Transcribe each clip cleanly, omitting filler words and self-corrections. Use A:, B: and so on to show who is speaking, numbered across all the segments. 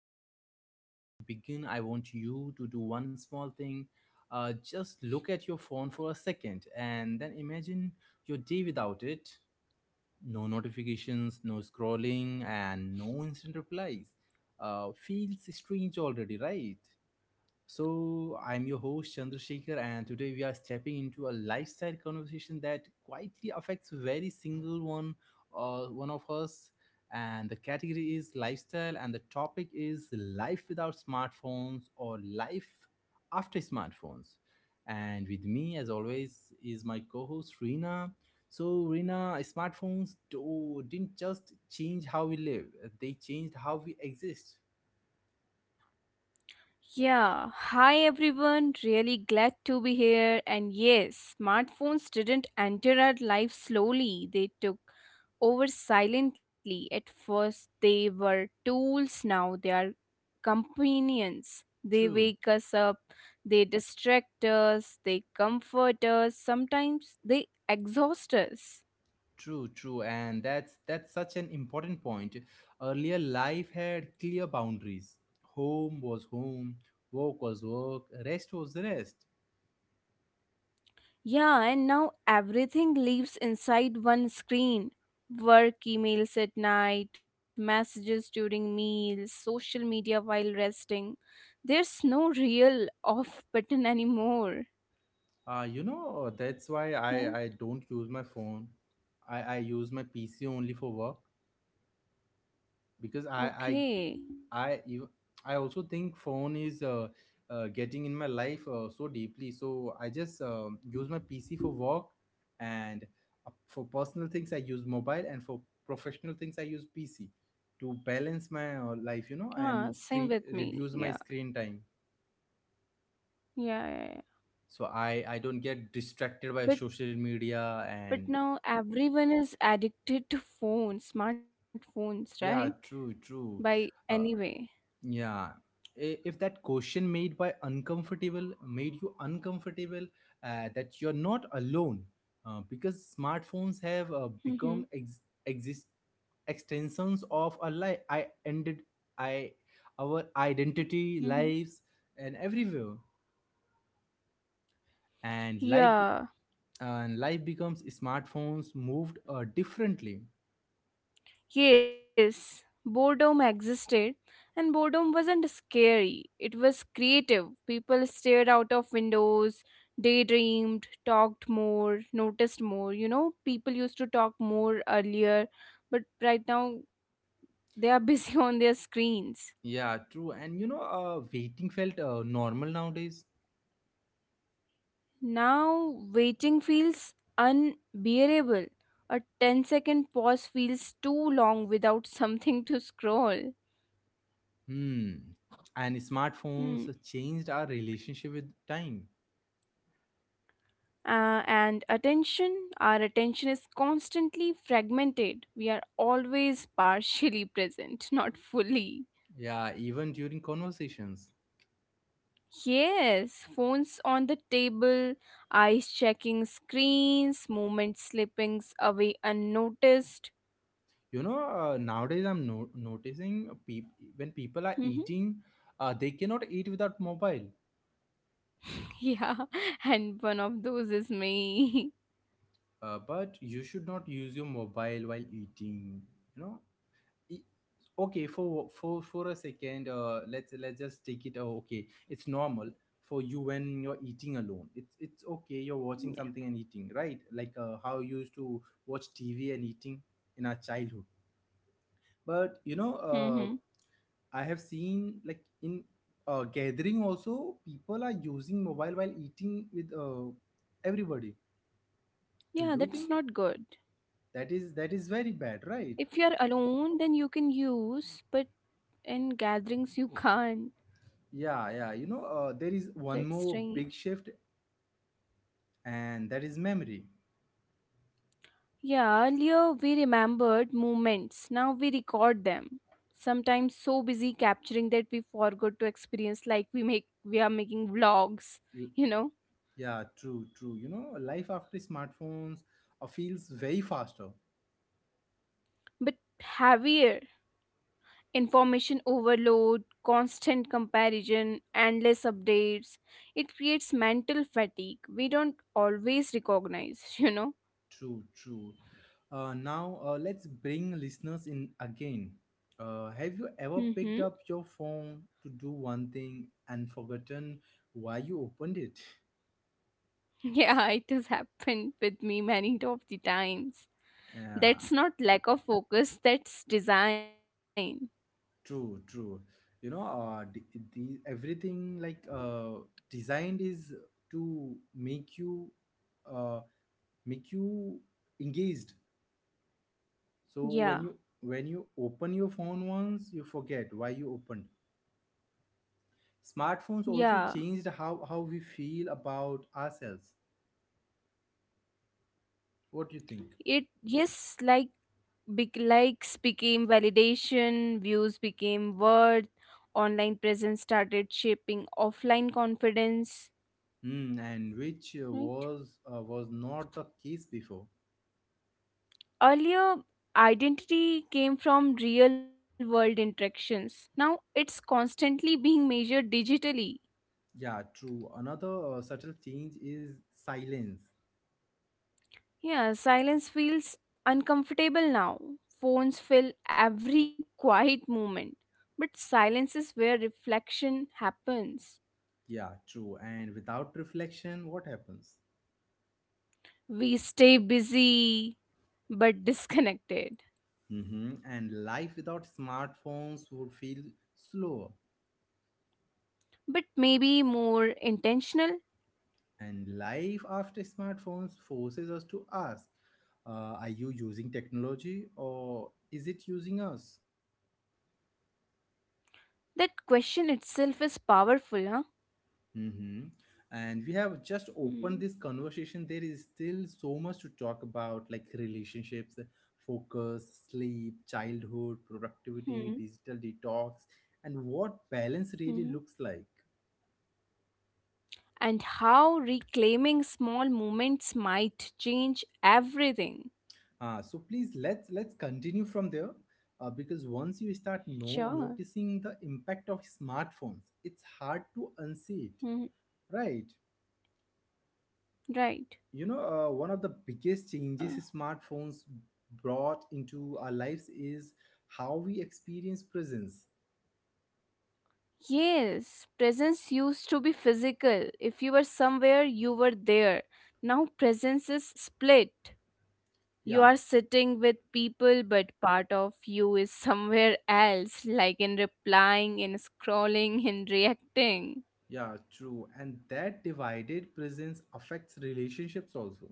A: podcast. Before we begin, I want you to do one small thing. Just look at your phone for a second and then imagine your day without it. No notifications, no scrolling, and no instant replies. Feels strange already, right? So, I'm your host Chandrasekhar, and today we are stepping into a lifestyle conversation that quietly affects very single one or one of us. And the category is lifestyle, and the topic is life without smartphones or life after smartphones. And with me, as always, is my co-host Reena. So, Reena, smartphones didn't just change how we live; they changed how we exist.
B: Yeah, hi everyone. Really glad to be here. And yes, smartphones didn't enter our life slowly, they took over silently. At first, they were tools, now they are companions. They
A: True.
B: wake us up, they distract us, they comfort us, sometimes they exhaust us.
A: True, true, and that's such an important point. Earlier, life had clear boundaries. Home was home, work was work, rest was rest.
B: Yeah, and now everything lives inside one screen. Work emails at night, messages during meals, social media while resting. There's no real off button anymore,
A: You know that's why
B: right?
A: I don't use my phone. I use my PC only for work, because
B: Okay.
A: i i you I also think phone is getting in my life so deeply, so I just use my PC for work, and for personal things I use mobile, and for professional things I use PC to balance my life, you
B: Ah,
A: know,
B: same
A: and
B: with
A: screen
B: me. Yeah.
A: reduce my screen time.
B: Yeah, yeah, yeah.
A: So I don't get distracted by
B: But
A: social media.
B: but
A: And
B: now everyone is addicted to phones, smartphones, right?
A: yeah, true,
B: By
A: true. uh,
B: anyway.
A: Yeah. If that question made you uncomfortable, that you're not alone, because smartphones have
B: Mm-hmm.
A: become ex- exist extensions of our life. I ended I our identity,
B: Mm-hmm.
A: lives, and everywhere, and life
B: Yeah.
A: and life becomes smartphones moved differently.
B: Yes, boredom existed, and boredom wasn't scary. It was creative. People stared out of windows, daydreamed, talked more, noticed more. You know, people used to talk more earlier, but right now they are busy on their screens.
A: Yeah, true. And you know, waiting felt normal nowadays.
B: Now, waiting feels unbearable. A ten-second pause feels too long without something to scroll.
A: Hmm. And smartphones
B: Hmm.
A: changed our relationship with time.
B: And attention our attention is constantly fragmented. We are always partially present, not fully.
A: Yeah, even during conversations.
B: Yes, phones on the table, eyes checking screens, moments slipping away unnoticed.
A: You know, nowadays I'm noticing when people are
B: Mhm.
A: eating, they cannot eat without mobile.
B: Yeah, and one of those is me.
A: But you should not use your mobile while eating. You know, E- okay, for for a second, uh, let's just take it, okay, it's normal for you when you're eating alone, it's okay, you're
B: Yeah.
A: watching something and eating, right? Like how you used to watch TV and eating in our childhood. But you know,
B: Hmm.
A: uh, I have seen like in uh, gathering also people are using mobile while eating with uh, everybody.
B: Yeah,
A: Do you
B: that's not
A: think
B: good.
A: that is very bad, right?
B: If you're alone then you can use, but in gatherings you can't.
A: Yeah, yeah, you know, there is one
B: That's
A: more big
B: strange.
A: shift, and that is memory.
B: Yeah, earlier we remembered moments, now we record them. Sometimes so busy capturing that we forgot to experience, like we are making vlogs,
A: L-
B: you know.
A: yeah, true, true. You know, life after smartphones feels way faster.
B: But heavier, information overload, constant comparison, endless updates, it creates mental fatigue. We don't always recognize, you know.
A: True, true. Uh, now let's bring listeners in again. Uh, have you ever
B: Mm-hmm.
A: picked up your phone to do one thing and forgotten why you opened it?
B: Yeah, it has happened with me many of the times.
A: Yeah,
B: That's not lack of focus, that's design.
A: true, true. You know, the everything like designed is to make you uh, make you engaged So
B: Yeah.
A: when you open your phone once, you forget why you opened. Smartphones
B: Yeah,
A: also changed how we feel about ourselves. What do you think?
B: it yes, like big likes became validation, views became worth, online presence started shaping offline confidence,
A: Hmm, and which
B: right?
A: was not the case before.
B: Earlier, identity came from real world interactions. Now it's constantly being measured digitally.
A: Yeah, true. Another subtle change is silence.
B: Yeah, silence feels uncomfortable now. Phones fill every quiet moment, but silence is where reflection happens.
A: Yeah, true. And without reflection, what happens?
B: We stay busy but disconnected.
A: Mm-hmm. And life without smartphones would feel slower.
B: But maybe more intentional?
A: And life after smartphones forces us to ask, are you using technology, or is it using us?
B: That question itself is powerful, huh?
A: Hmm. And we have just
B: Hmm.
A: opened this conversation. There is still so much to talk about, like relationships, focus, sleep, childhood, productivity,
B: Hmm.
A: digital detox, and what balance really
B: Hmm.
A: looks like.
B: And how reclaiming small moments might change everything.
A: So please, let's continue from there, because once you start
B: Sure.
A: no noticing the impact of smartphones, it's hard to unsee it,
B: Mhm.
A: right?
B: Right.
A: You know, one of the biggest
B: Uh,
A: changes smartphones brought into our lives is how we experience presence.
B: yes, presence used to be physical. If you were somewhere, you were there. Now presence is split. You
A: Yeah,
B: are sitting with people, but part of you is somewhere else, like in replying, in scrolling, in reacting.
A: yeah, true. And that divided presence affects relationships also.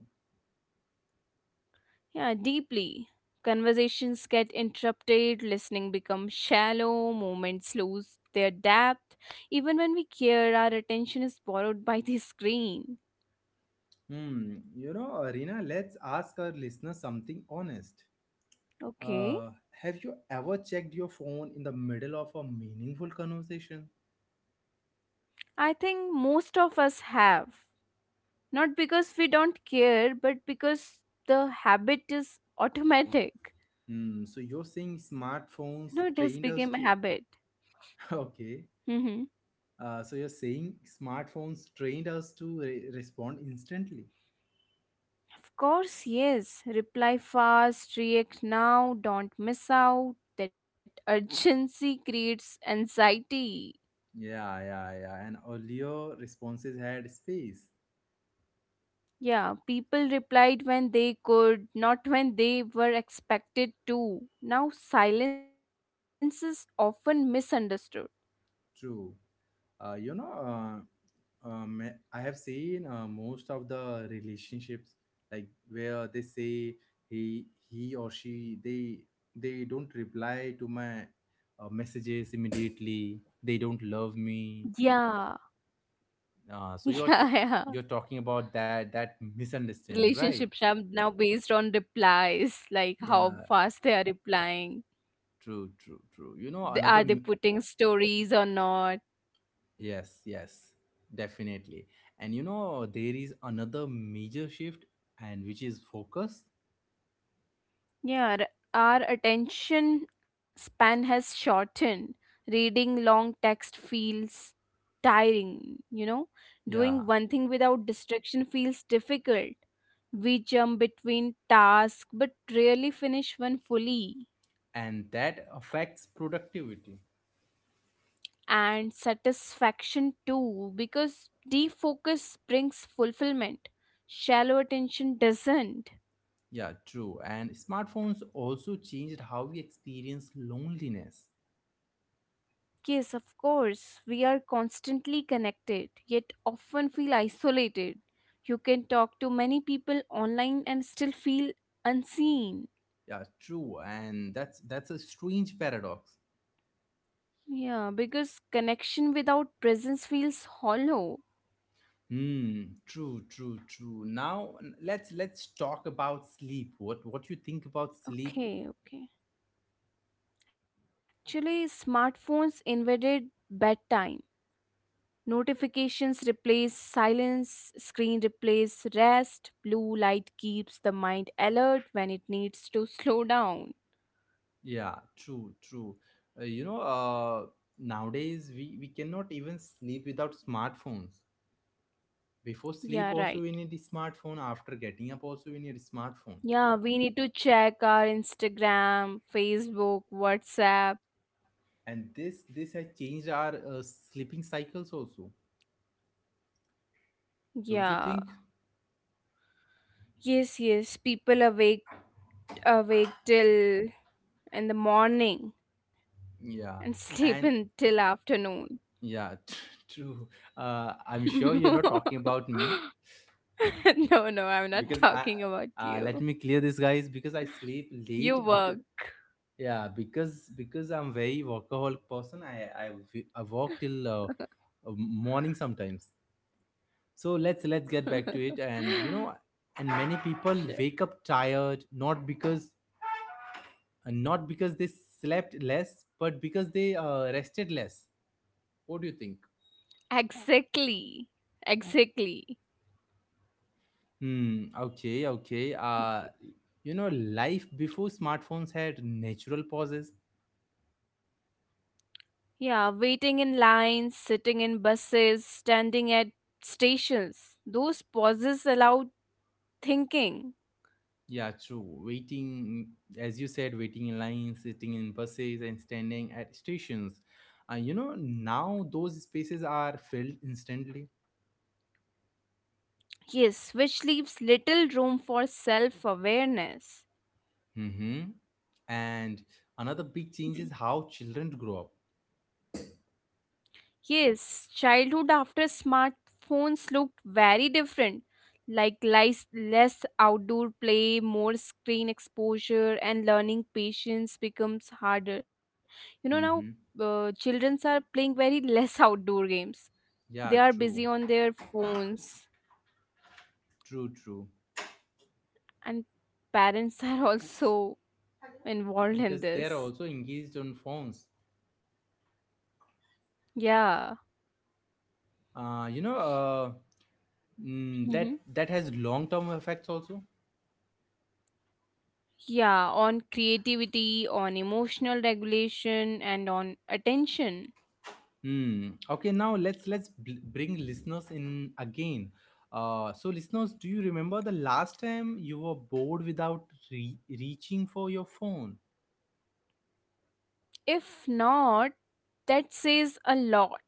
B: Yeah, deeply. Conversations get interrupted, listening becomes shallow, moments lose their depth. Even when we care, our attention is borrowed by the screen.
A: Hmm, you know, Rina, let's ask our listeners something honest.
B: Okay.
A: Uh, have you ever checked your phone in the middle of a meaningful conversation?
B: I think most of us have. Not because we don't care, but because the habit is automatic.
A: Hmm, so you're saying
B: No,
A: smartphones
B: it has
A: trained us
B: become a
A: to.
B: habit.
A: Okay.
B: Mm-hmm.
A: So you're saying smartphones trained us to respond instantly.
B: Of course, yes. Reply fast, react now, don't miss out. That urgency creates anxiety.
A: Yeah, yeah, yeah. And earlier responses had space.
B: Yeah, people replied when they could, not when they were expected to. Now, silence is often misunderstood.
A: True. Uh, you know, Uh. I have seen most of the relationships, like where they say he or she they don't reply to my messages immediately. They don't love me.
B: Yeah,
A: So
B: yeah, yeah.
A: you're talking about that misunderstanding, right?
B: Relationships are now based on replies, like how
A: Yeah,
B: fast they are replying.
A: true, true, true. You know, another
B: Are they putting stories or not?
A: yes, yes, definitely. And you know, there is another major shift, and which is focus.
B: Yeah, our attention span has shortened. Reading long text feels tiring, you know?
A: Yeah,
B: Doing one thing without distraction feels difficult. We jump between tasks but rarely finish one fully.
A: and that affects productivity.
B: And satisfaction too, because defocus brings fulfillment. Shallow attention doesn't.
A: Yeah, true. And smartphones also changed how we experience loneliness.
B: Yes, of course. We are constantly connected, yet often feel isolated. You can talk to many people online and still feel unseen.
A: Yeah, true. And that's a strange paradox.
B: Yeah, because connection without presence feels hollow.
A: Hmm. True. True. True. Now, let's talk about sleep. What you think about sleep?
B: Okay, okay. Actually, smartphones invaded bedtime. Notifications replace silence, screen replace rest, blue light keeps the mind alert when it needs to slow down.
A: Yeah. True. True. Uh, you know. Uh. Nowadays we cannot even sleep without smartphones. Before sleep
B: Yeah,
A: also
B: right.
A: we need a smartphone. After getting up also we need a smartphone,
B: Yeah, we need to check our Instagram, Facebook, WhatsApp.
A: and this has changed our sleeping cycles also, don't you
B: Yeah.
A: think?
B: Yes, yes. People awake till in the morning and
A: Yeah,
B: sleep
A: and
B: until afternoon.
A: yeah, true. Uh, I'm sure you're not talking about me
B: No, no, I'm not
A: because I
B: talking about
A: let
B: you.
A: me clear this, guys, because I sleep
B: You
A: late because,
B: work.
A: yeah, because I'm very workaholic person, I work till morning sometimes. So let's get back to it. And you know, and many people
B: Sure.
A: wake up tired not because they slept less, but because they rested less. What do you think?
B: Exactly. Exactly.
A: Hmm. Okay. Okay. You know, life before smartphones had natural pauses.
B: Yeah, waiting in lines, sitting in buses, standing at stations. Those pauses allow thinking.
A: Yeah, true. Waiting, as you said, waiting in lines, sitting in buses, and standing at stations. You know, now those spaces are filled instantly.
B: Yes, which leaves little room for self awareness.
A: Mm-hmm. And another big change is how children grow up.
B: Yes, childhood after smartphones looked very different, like less outdoor play, more screen exposure, and learning patience becomes harder. You know, now
A: Mm-hmm.
B: children are playing very less outdoor games. They
A: Yeah,
B: are busy
A: true,
B: on their phones,
A: true, true.
B: and parents are also
A: Because
B: involved
A: they are
B: in
A: also
B: this.
A: engaged on phones.
B: Yeah.
A: You know, that
B: Hmm.
A: that has long term effects also.
B: Yeah, on creativity, on emotional regulation, and on attention.
A: Hmm. Okay, now let's bring listeners in again. So listeners, do you remember the last time you were bored without reaching for your phone?
B: If not, that says a lot,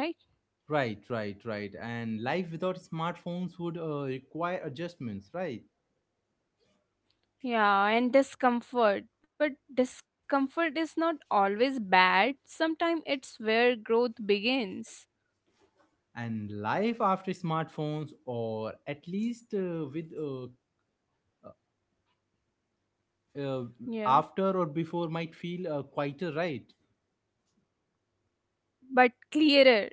B: right?
A: Right, right, right. And life without smartphones would require adjustments, right?
B: Yeah, and discomfort. But discomfort is not always bad. Sometimes it's where growth begins.
A: And life after smartphones, or at least with uh,
B: Yeah,
A: after or before, might feel quieter, right?
B: but clearer,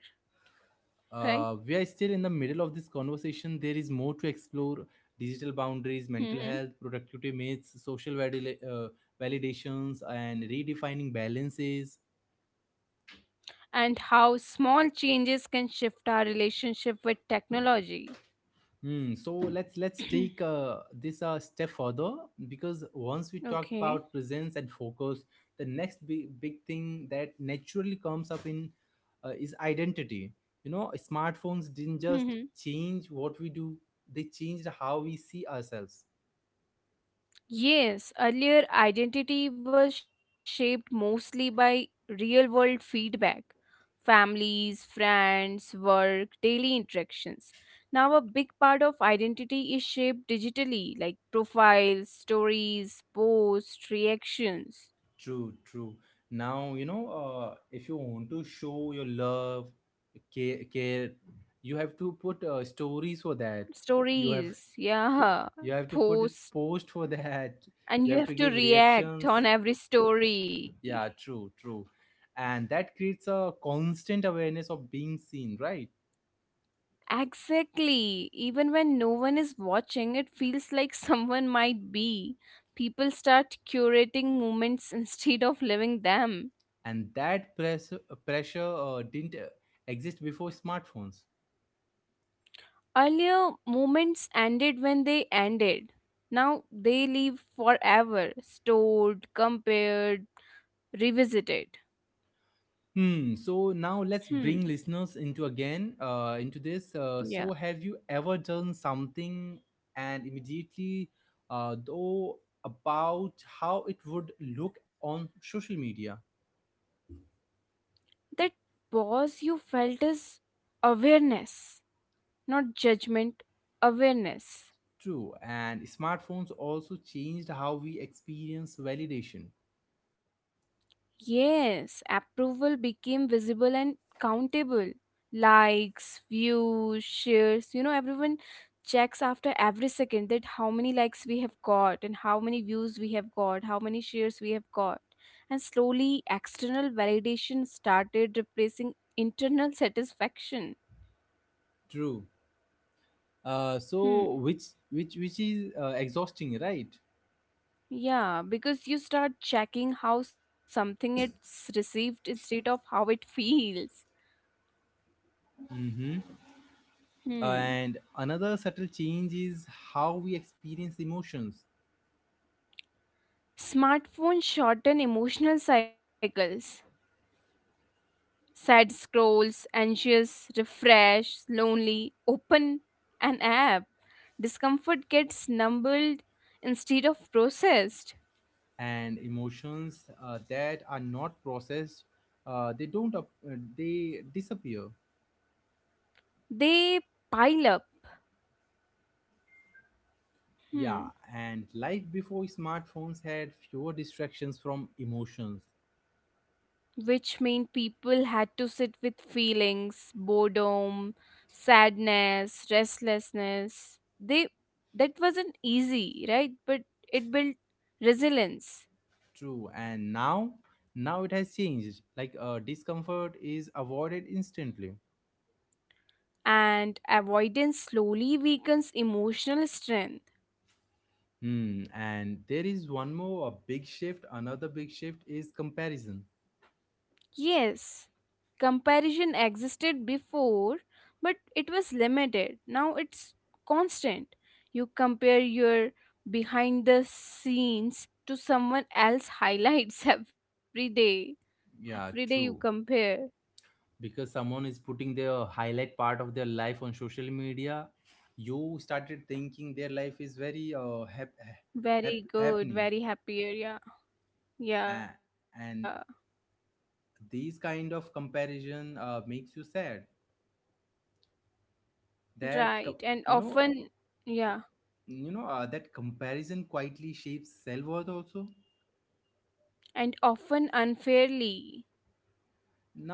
B: right?
A: We are still in the middle of this conversation. There is more to explore: digital boundaries, mental health, productivity myths, social validations, and redefining balances.
B: And how small changes can shift our relationship with technology.
A: Hmm. So let's take this a step further, because once we talk
B: Okay.
A: about presence and focus, the next big thing that naturally comes up in is identity. You know, smartphones didn't just
B: Mhm.
A: change what we do; they changed how we see ourselves.
B: Yes, earlier identity was shaped mostly by real world feedback, families, friends, work, daily interactions. Now, a big part of identity is shaped digitally, like profiles, stories, posts, reactions,
A: True, true. Now you know, if you want to show your love, care, you have to put stories for that. You have
B: stories, yeah,
A: You have to put a
B: posts,
A: post for that.
B: and
A: You
B: you
A: have
B: have
A: to
B: to
A: give
B: react
A: reactions.
B: on every story.
A: Yeah, true, true. And that creates a constant awareness of being seen, right?
B: Exactly. Even when no one is watching, it feels like someone might be. People start curating moments instead of living them.
A: And that pressure didn't exist before smartphones.
B: Earlier, moments ended when they ended. Now they live forever, stored, compared, revisited.
A: Hmm. So now let's bring
B: Hmm.
A: listeners into again into this.
B: Yeah.
A: So have you ever done something and immediately though about how it would look on social media?
B: That pause you felt is awareness, not judgment, awareness.
A: True, and smartphones also changed how we experience validation.
B: Yes, approval became visible and countable. Likes, views, shares, you know, everyone checks after every second that how many likes we have got and how many views we have got, how many shares we have got. And slowly, external validation started replacing internal satisfaction.
A: True.
B: Hmm.
A: So which is exhausting, right?
B: Yeah, because you start checking how something it's received instead of how it feels. Hmm.
A: And another subtle change is how we experience emotions.
B: Smartphones shorten emotional cycles. Sad scrolls, anxious, refresh, lonely, open an app. Discomfort gets numbled instead of processed.
A: And emotions that are not processed, uh, they don't up, they disappear.
B: They pile up. Hmm.
A: Yeah, and life before smartphones had fewer distractions from emotions.
B: Which mean people had to sit with feelings, boredom, sadness, restlessness. They That wasn't easy, right? But it built resilience.
A: True, and now it has changed. Like discomfort is avoided instantly.
B: And avoidance slowly weakens emotional strength.
A: Hmm. And there is one more a big shift. Another big shift is comparison.
B: Yes, comparison existed before, but it was limited. Now it's constant. You compare your behind the scenes to someone else highlights every day.
A: Yeah,
B: Every day you
A: true.
B: compare.
A: Because someone is putting their highlight part of their life on social media, you started thinking their life is very
B: Very good,
A: happening,
B: very happier, yeah.
A: uh,
B: Yeah,
A: and these kind of comparison makes you sad.
B: right.
A: That co-
B: And
A: you know,
B: often, yeah,
A: that comparison quietly shapes self-worth also.
B: and often unfairly.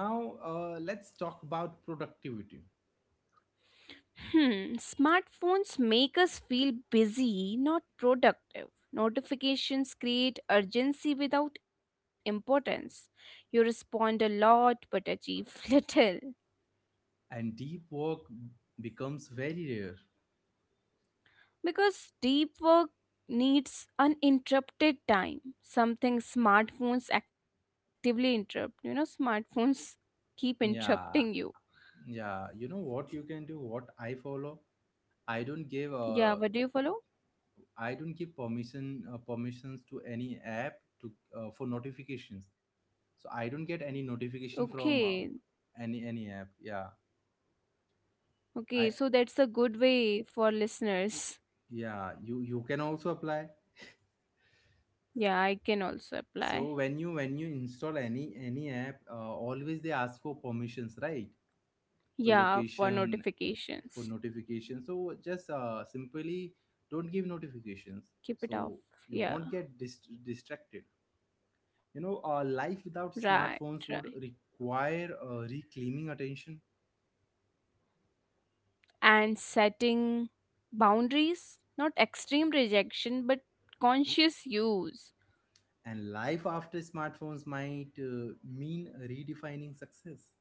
A: Now let's talk about productivity.
B: Hmm, smartphones make us feel busy, not productive. Notifications create urgency without importance. You respond a lot but achieve little.
A: And deep work becomes very rare.
B: Because deep work needs uninterrupted time, something smartphones actively interrupt. You know, smartphones keep interrupting you.
A: Yeah, yeah, you know what you can do, what I follow? i don't give
B: Yeah,
A: uh,
B: what do you follow?
A: I don't give permissions to any app to for notifications. So I don't get any notification
B: Okay,
A: from any app. Yeah,
B: okay,
A: I
B: so that's a good way for listeners.
A: yeah, you can also apply.
B: Yeah, I can also
A: So
B: apply.
A: when you install any app, always they ask for permissions, right? For
B: Yeah, for
A: location, for
B: notifications.
A: notification. So just simply don't give notifications.
B: Keep it
A: So
B: off.
A: you won't
B: Yeah,
A: get distracted. You know, life without
B: right, right.
A: smartphones would require reclaiming attention,
B: And setting boundaries, not extreme rejection, but conscious use.
A: and life after smartphones might mean redefining success.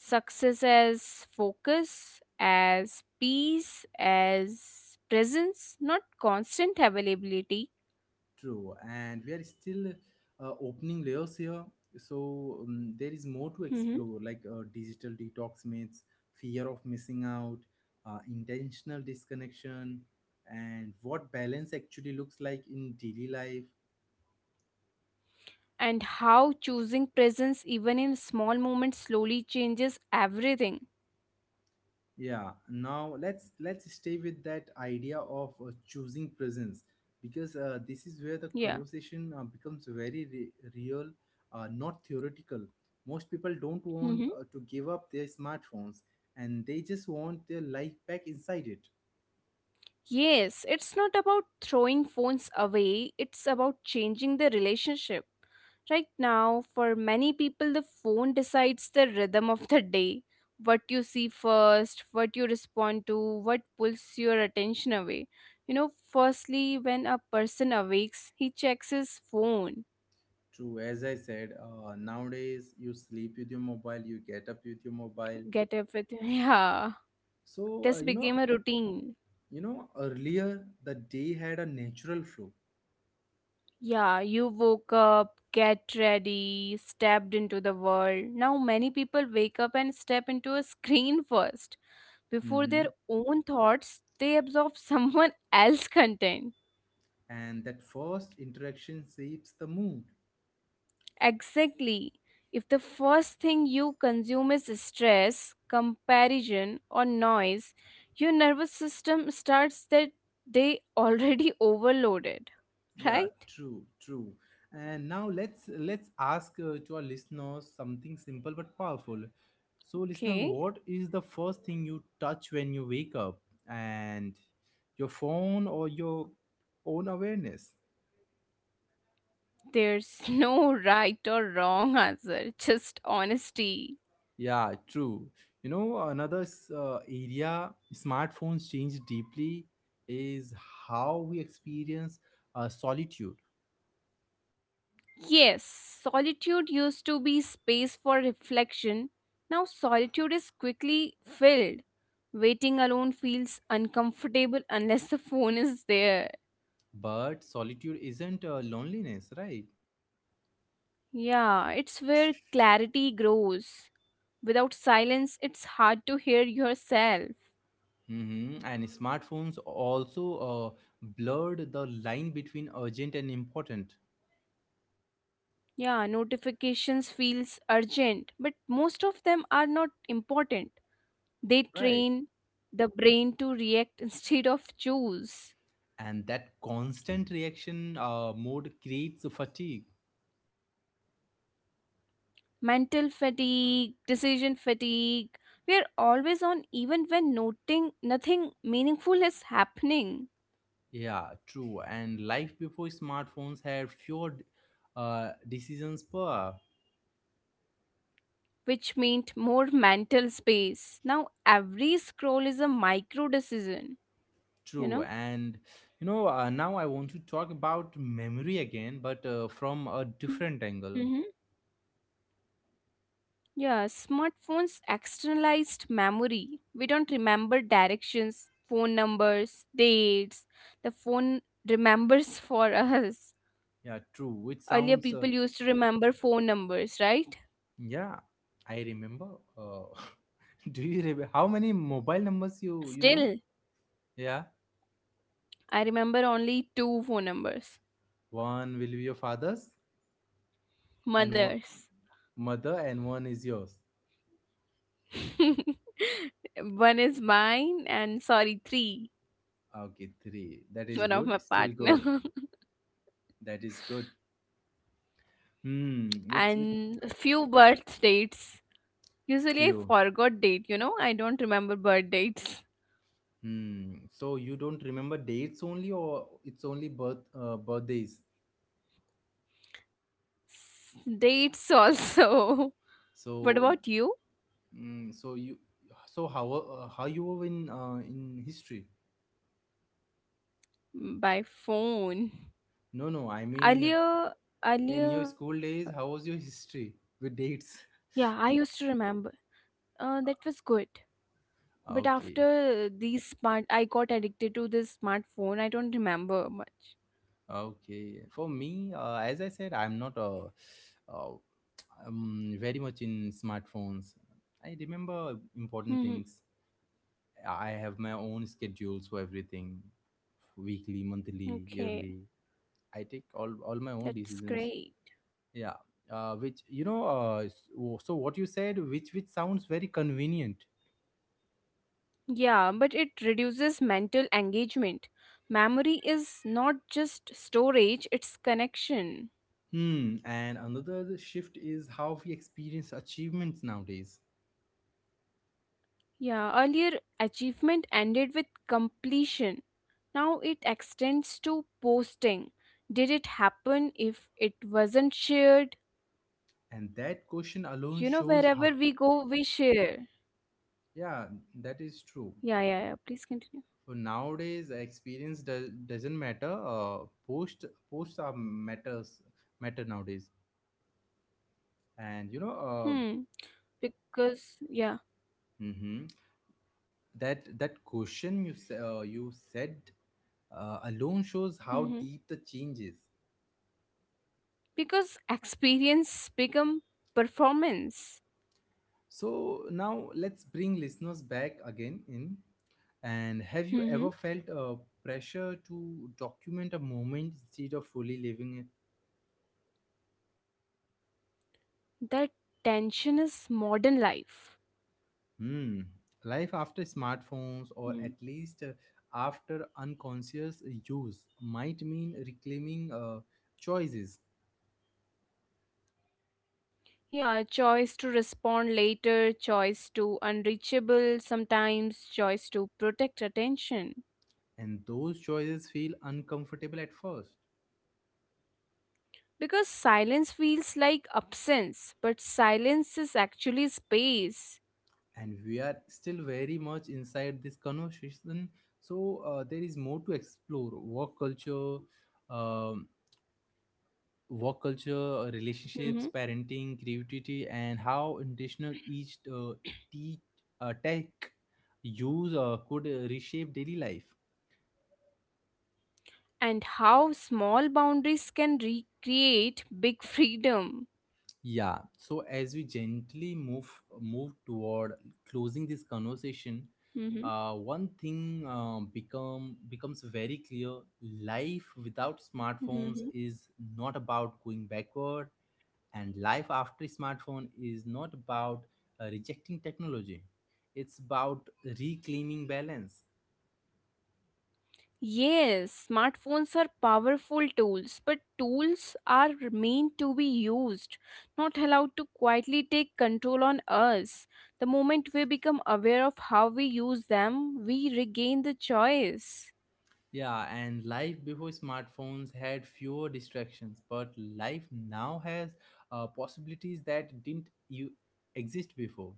B: Success as focus, as peace, as presence, not constant availability.
A: True, and we are still opening layers here, so there is more
B: Hmm.
A: to explore, like digital detox myths, fear of missing out, intentional disconnection, and what balance actually looks like in daily life.
B: And how choosing presence, even in small moments, slowly changes everything.
A: Yeah, now let's stay with that idea of choosing presence, because this is where the
B: Yeah.
A: conversation becomes very real, not theoretical. Most people don't want to give up their smartphones, and they just want their life back inside it.
B: Yes, it's not about throwing phones away, it's about changing the relationship. Right now, for many people, the phone decides the rhythm of the day. What you see first, what you respond to, what pulls your attention away. You know, firstly, when a person awakes, he checks his phone.
A: True, as I said, nowadays you sleep with your mobile, you get up with your mobile.
B: Get up with, yeah,
A: so uh,
B: this
A: you know
B: became a routine.
A: you know, earlier the day had a natural flow.
B: Yeah, you woke up, get ready, stepped into the world. Now, many people wake up and step into a screen first. Before
A: Mm-hmm.
B: their own thoughts, they absorb someone else's content.
A: And that first interaction shapes the mood.
B: Exactly. If the first thing you consume is stress, comparison, or noise, your nervous system starts that day already overloaded.
A: Yeah,
B: Right?
A: true, true. And now let's ask, to our listeners, something simple but powerful. So, listener,
B: Okay.
A: what is the first thing you touch when you wake up? And your phone, or your own awareness?
B: There's no right or wrong answer, just honesty.
A: Yeah, true. You know, another area smartphones change deeply is how we experience solitude.
B: Yes, solitude used to be space for reflection. Now solitude is quickly filled. Waiting alone feels uncomfortable unless the phone is there.
A: But solitude isn't loneliness, right?
B: Yeah, it's where clarity grows. Without silence, it's hard to hear yourself.
A: Hmm. And smartphones also blurred the line between urgent and important,
B: Yeah, notifications feels urgent, but most of them are not important. They
A: right?
B: train the brain to react instead of choose.
A: And that constant reaction mode creates fatigue.
B: Mental fatigue, decision fatigue. We are always on, even when noting nothing meaningful is happening,
A: Yeah, true. And life before smartphones had fewer decisions per hour.
B: which meant more mental space. Now every scroll is a micro decision, you
A: True.
B: know?
A: And you know, now I want to talk about memory again, but from a
B: Mm-hmm.
A: different angle.
B: Yeah, smartphones externalized memory. We don't remember directions, phone numbers, dates. The phone remembers for us.
A: Yeah, true. Which
B: Earlier,
A: sounds
B: people used to remember phone numbers, right?
A: Yeah, I remember. Uh, do you remember how many mobile numbers you know?
B: Still,
A: Yeah,
B: I remember only two phone numbers,
A: one will be your father's, and one
B: mother's.
A: mother, and one is yours.
B: One is mine, and sorry, three.
A: Okay, three. That is
B: One of my
A: good. Still good.
B: partner,
A: That is good. Hmm. With
B: and a few birth dates. Usually, I
A: few.
B: forgot date, you know, I don't remember birth dates.
A: Hmm. So you don't remember dates only, or it's only birthdays.
B: Dates also. What
A: So,
B: about you?
A: mm, so you, so how you were in history?
B: By phone.
A: No, no. I mean.
B: Earlier,
A: In
B: earlier,
A: your school days, how was your history with dates?
B: yeah, I used to remember. That was good. But
A: Okay,
B: after these I got addicted to this smartphone. I don't remember much.
A: okay. For me, as I said, I'm not uh, very much in smartphones. I remember important
B: Hmm.
A: things. I have my own schedules for everything, weekly, monthly,
B: Okay,
A: yearly. I take all my own
B: that's
A: decisions.
B: great.
A: Yeah. Which you know. So what you said, which sounds very convenient.
B: Yeah, but it reduces mental engagement. Memory is not just storage, it's connection.
A: Hmm, and another shift is how we experience achievements nowadays.
B: Yeah, earlier achievement ended with completion. Now it extends to posting. Did it happen if it wasn't shared?
A: And that question alone
B: You know,
A: shows,
B: wherever
A: ha,
B: we go, we share.
A: yeah, that is true.
B: Yeah, yeah, yeah. Please continue.
A: So nowadays, experience doesn't matter. Posts are matter nowadays. And you
B: Hmm.
A: know,
B: Because, yeah.
A: hmm, that that question you you said alone shows how
B: Hmm.
A: deep the change is.
B: Because experience become performance.
A: So now let's bring listeners back again in. And have you
B: Hmm.
A: ever felt a pressure to document a moment instead of fully living it?
B: That tension is modern life.
A: Hmm. Life after smartphones, or
B: Hmm.
A: at least after unconscious use, might mean reclaiming choices,
B: Yeah, choice to respond later, choice to unreachable sometimes, choice to protect attention.
A: and those choices feel uncomfortable at first.
B: Because silence feels like absence, but silence is actually space.
A: And we are still very much inside this conversation, so there is more to explore. Um, work culture, relationships,
B: Mhm.
A: parenting, creativity, and how intentional each teach tech use could reshape daily life.
B: And how small boundaries can recreate big freedom.
A: Yeah. So as we gently move toward closing this conversation,
B: Mhm.
A: one thing, becomes very clear: life without smartphones is not about going backward, and life after smartphone is not about rejecting technology. It's about reclaiming balance.
B: Yes, smartphones are powerful tools, but tools are meant to be used, not allowed to quietly take control on us. The moment we become aware of how we use them, we regain the choice.
A: Yeah, and life before smartphones had fewer distractions, but life now has possibilities that didn't you exist before.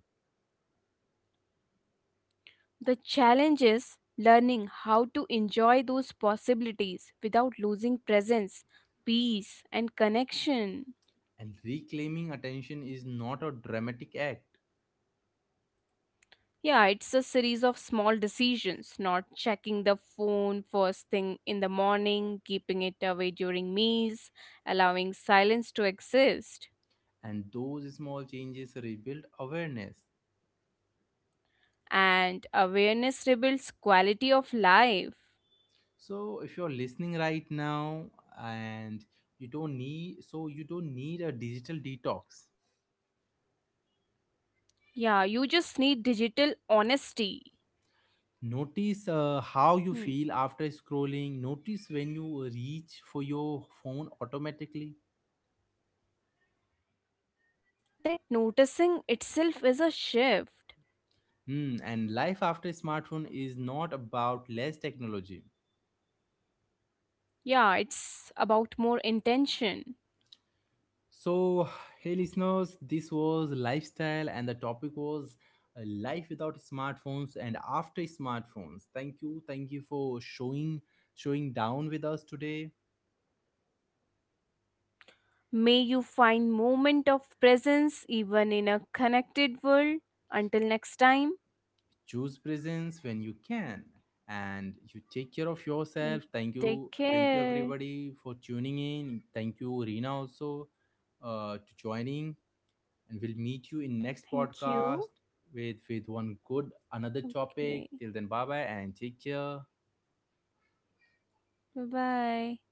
B: The challenge is learning how to enjoy those possibilities without losing presence, peace, and connection.
A: And reclaiming attention is not a dramatic act,
B: Yeah, it's a series of small decisions, not checking the phone first thing in the morning, keeping it away during meals, allowing silence to exist.
A: and those small changes rebuild awareness.
B: And awareness rebuilds quality of life.
A: So if you're listening right now, and you don't need a digital detox.
B: Yeah, you just need digital honesty.
A: Notice how you
B: Hmm.
A: feel after scrolling. Notice when you reach for your phone automatically.
B: That noticing itself is a shift.
A: Hmm, and life after smartphone is not about less technology.
B: Yeah, it's about more intention.
A: So, hey listeners, this was lifestyle and the topic was life without smartphones and after smartphones. Thank you for showing down with us today.
B: May you find moment of presence even in a connected world. Until next time.
A: Choose presence when you can, and you take care of
B: And
A: yourself. Thank
B: take
A: you, thank you
B: care.
A: everybody for tuning in. Thank you Rina also, to joining, and we'll meet you in next
B: Thank
A: podcast
B: you.
A: with one good another topic.
B: Okay.
A: Till then, bye bye and take care.
B: Bye bye.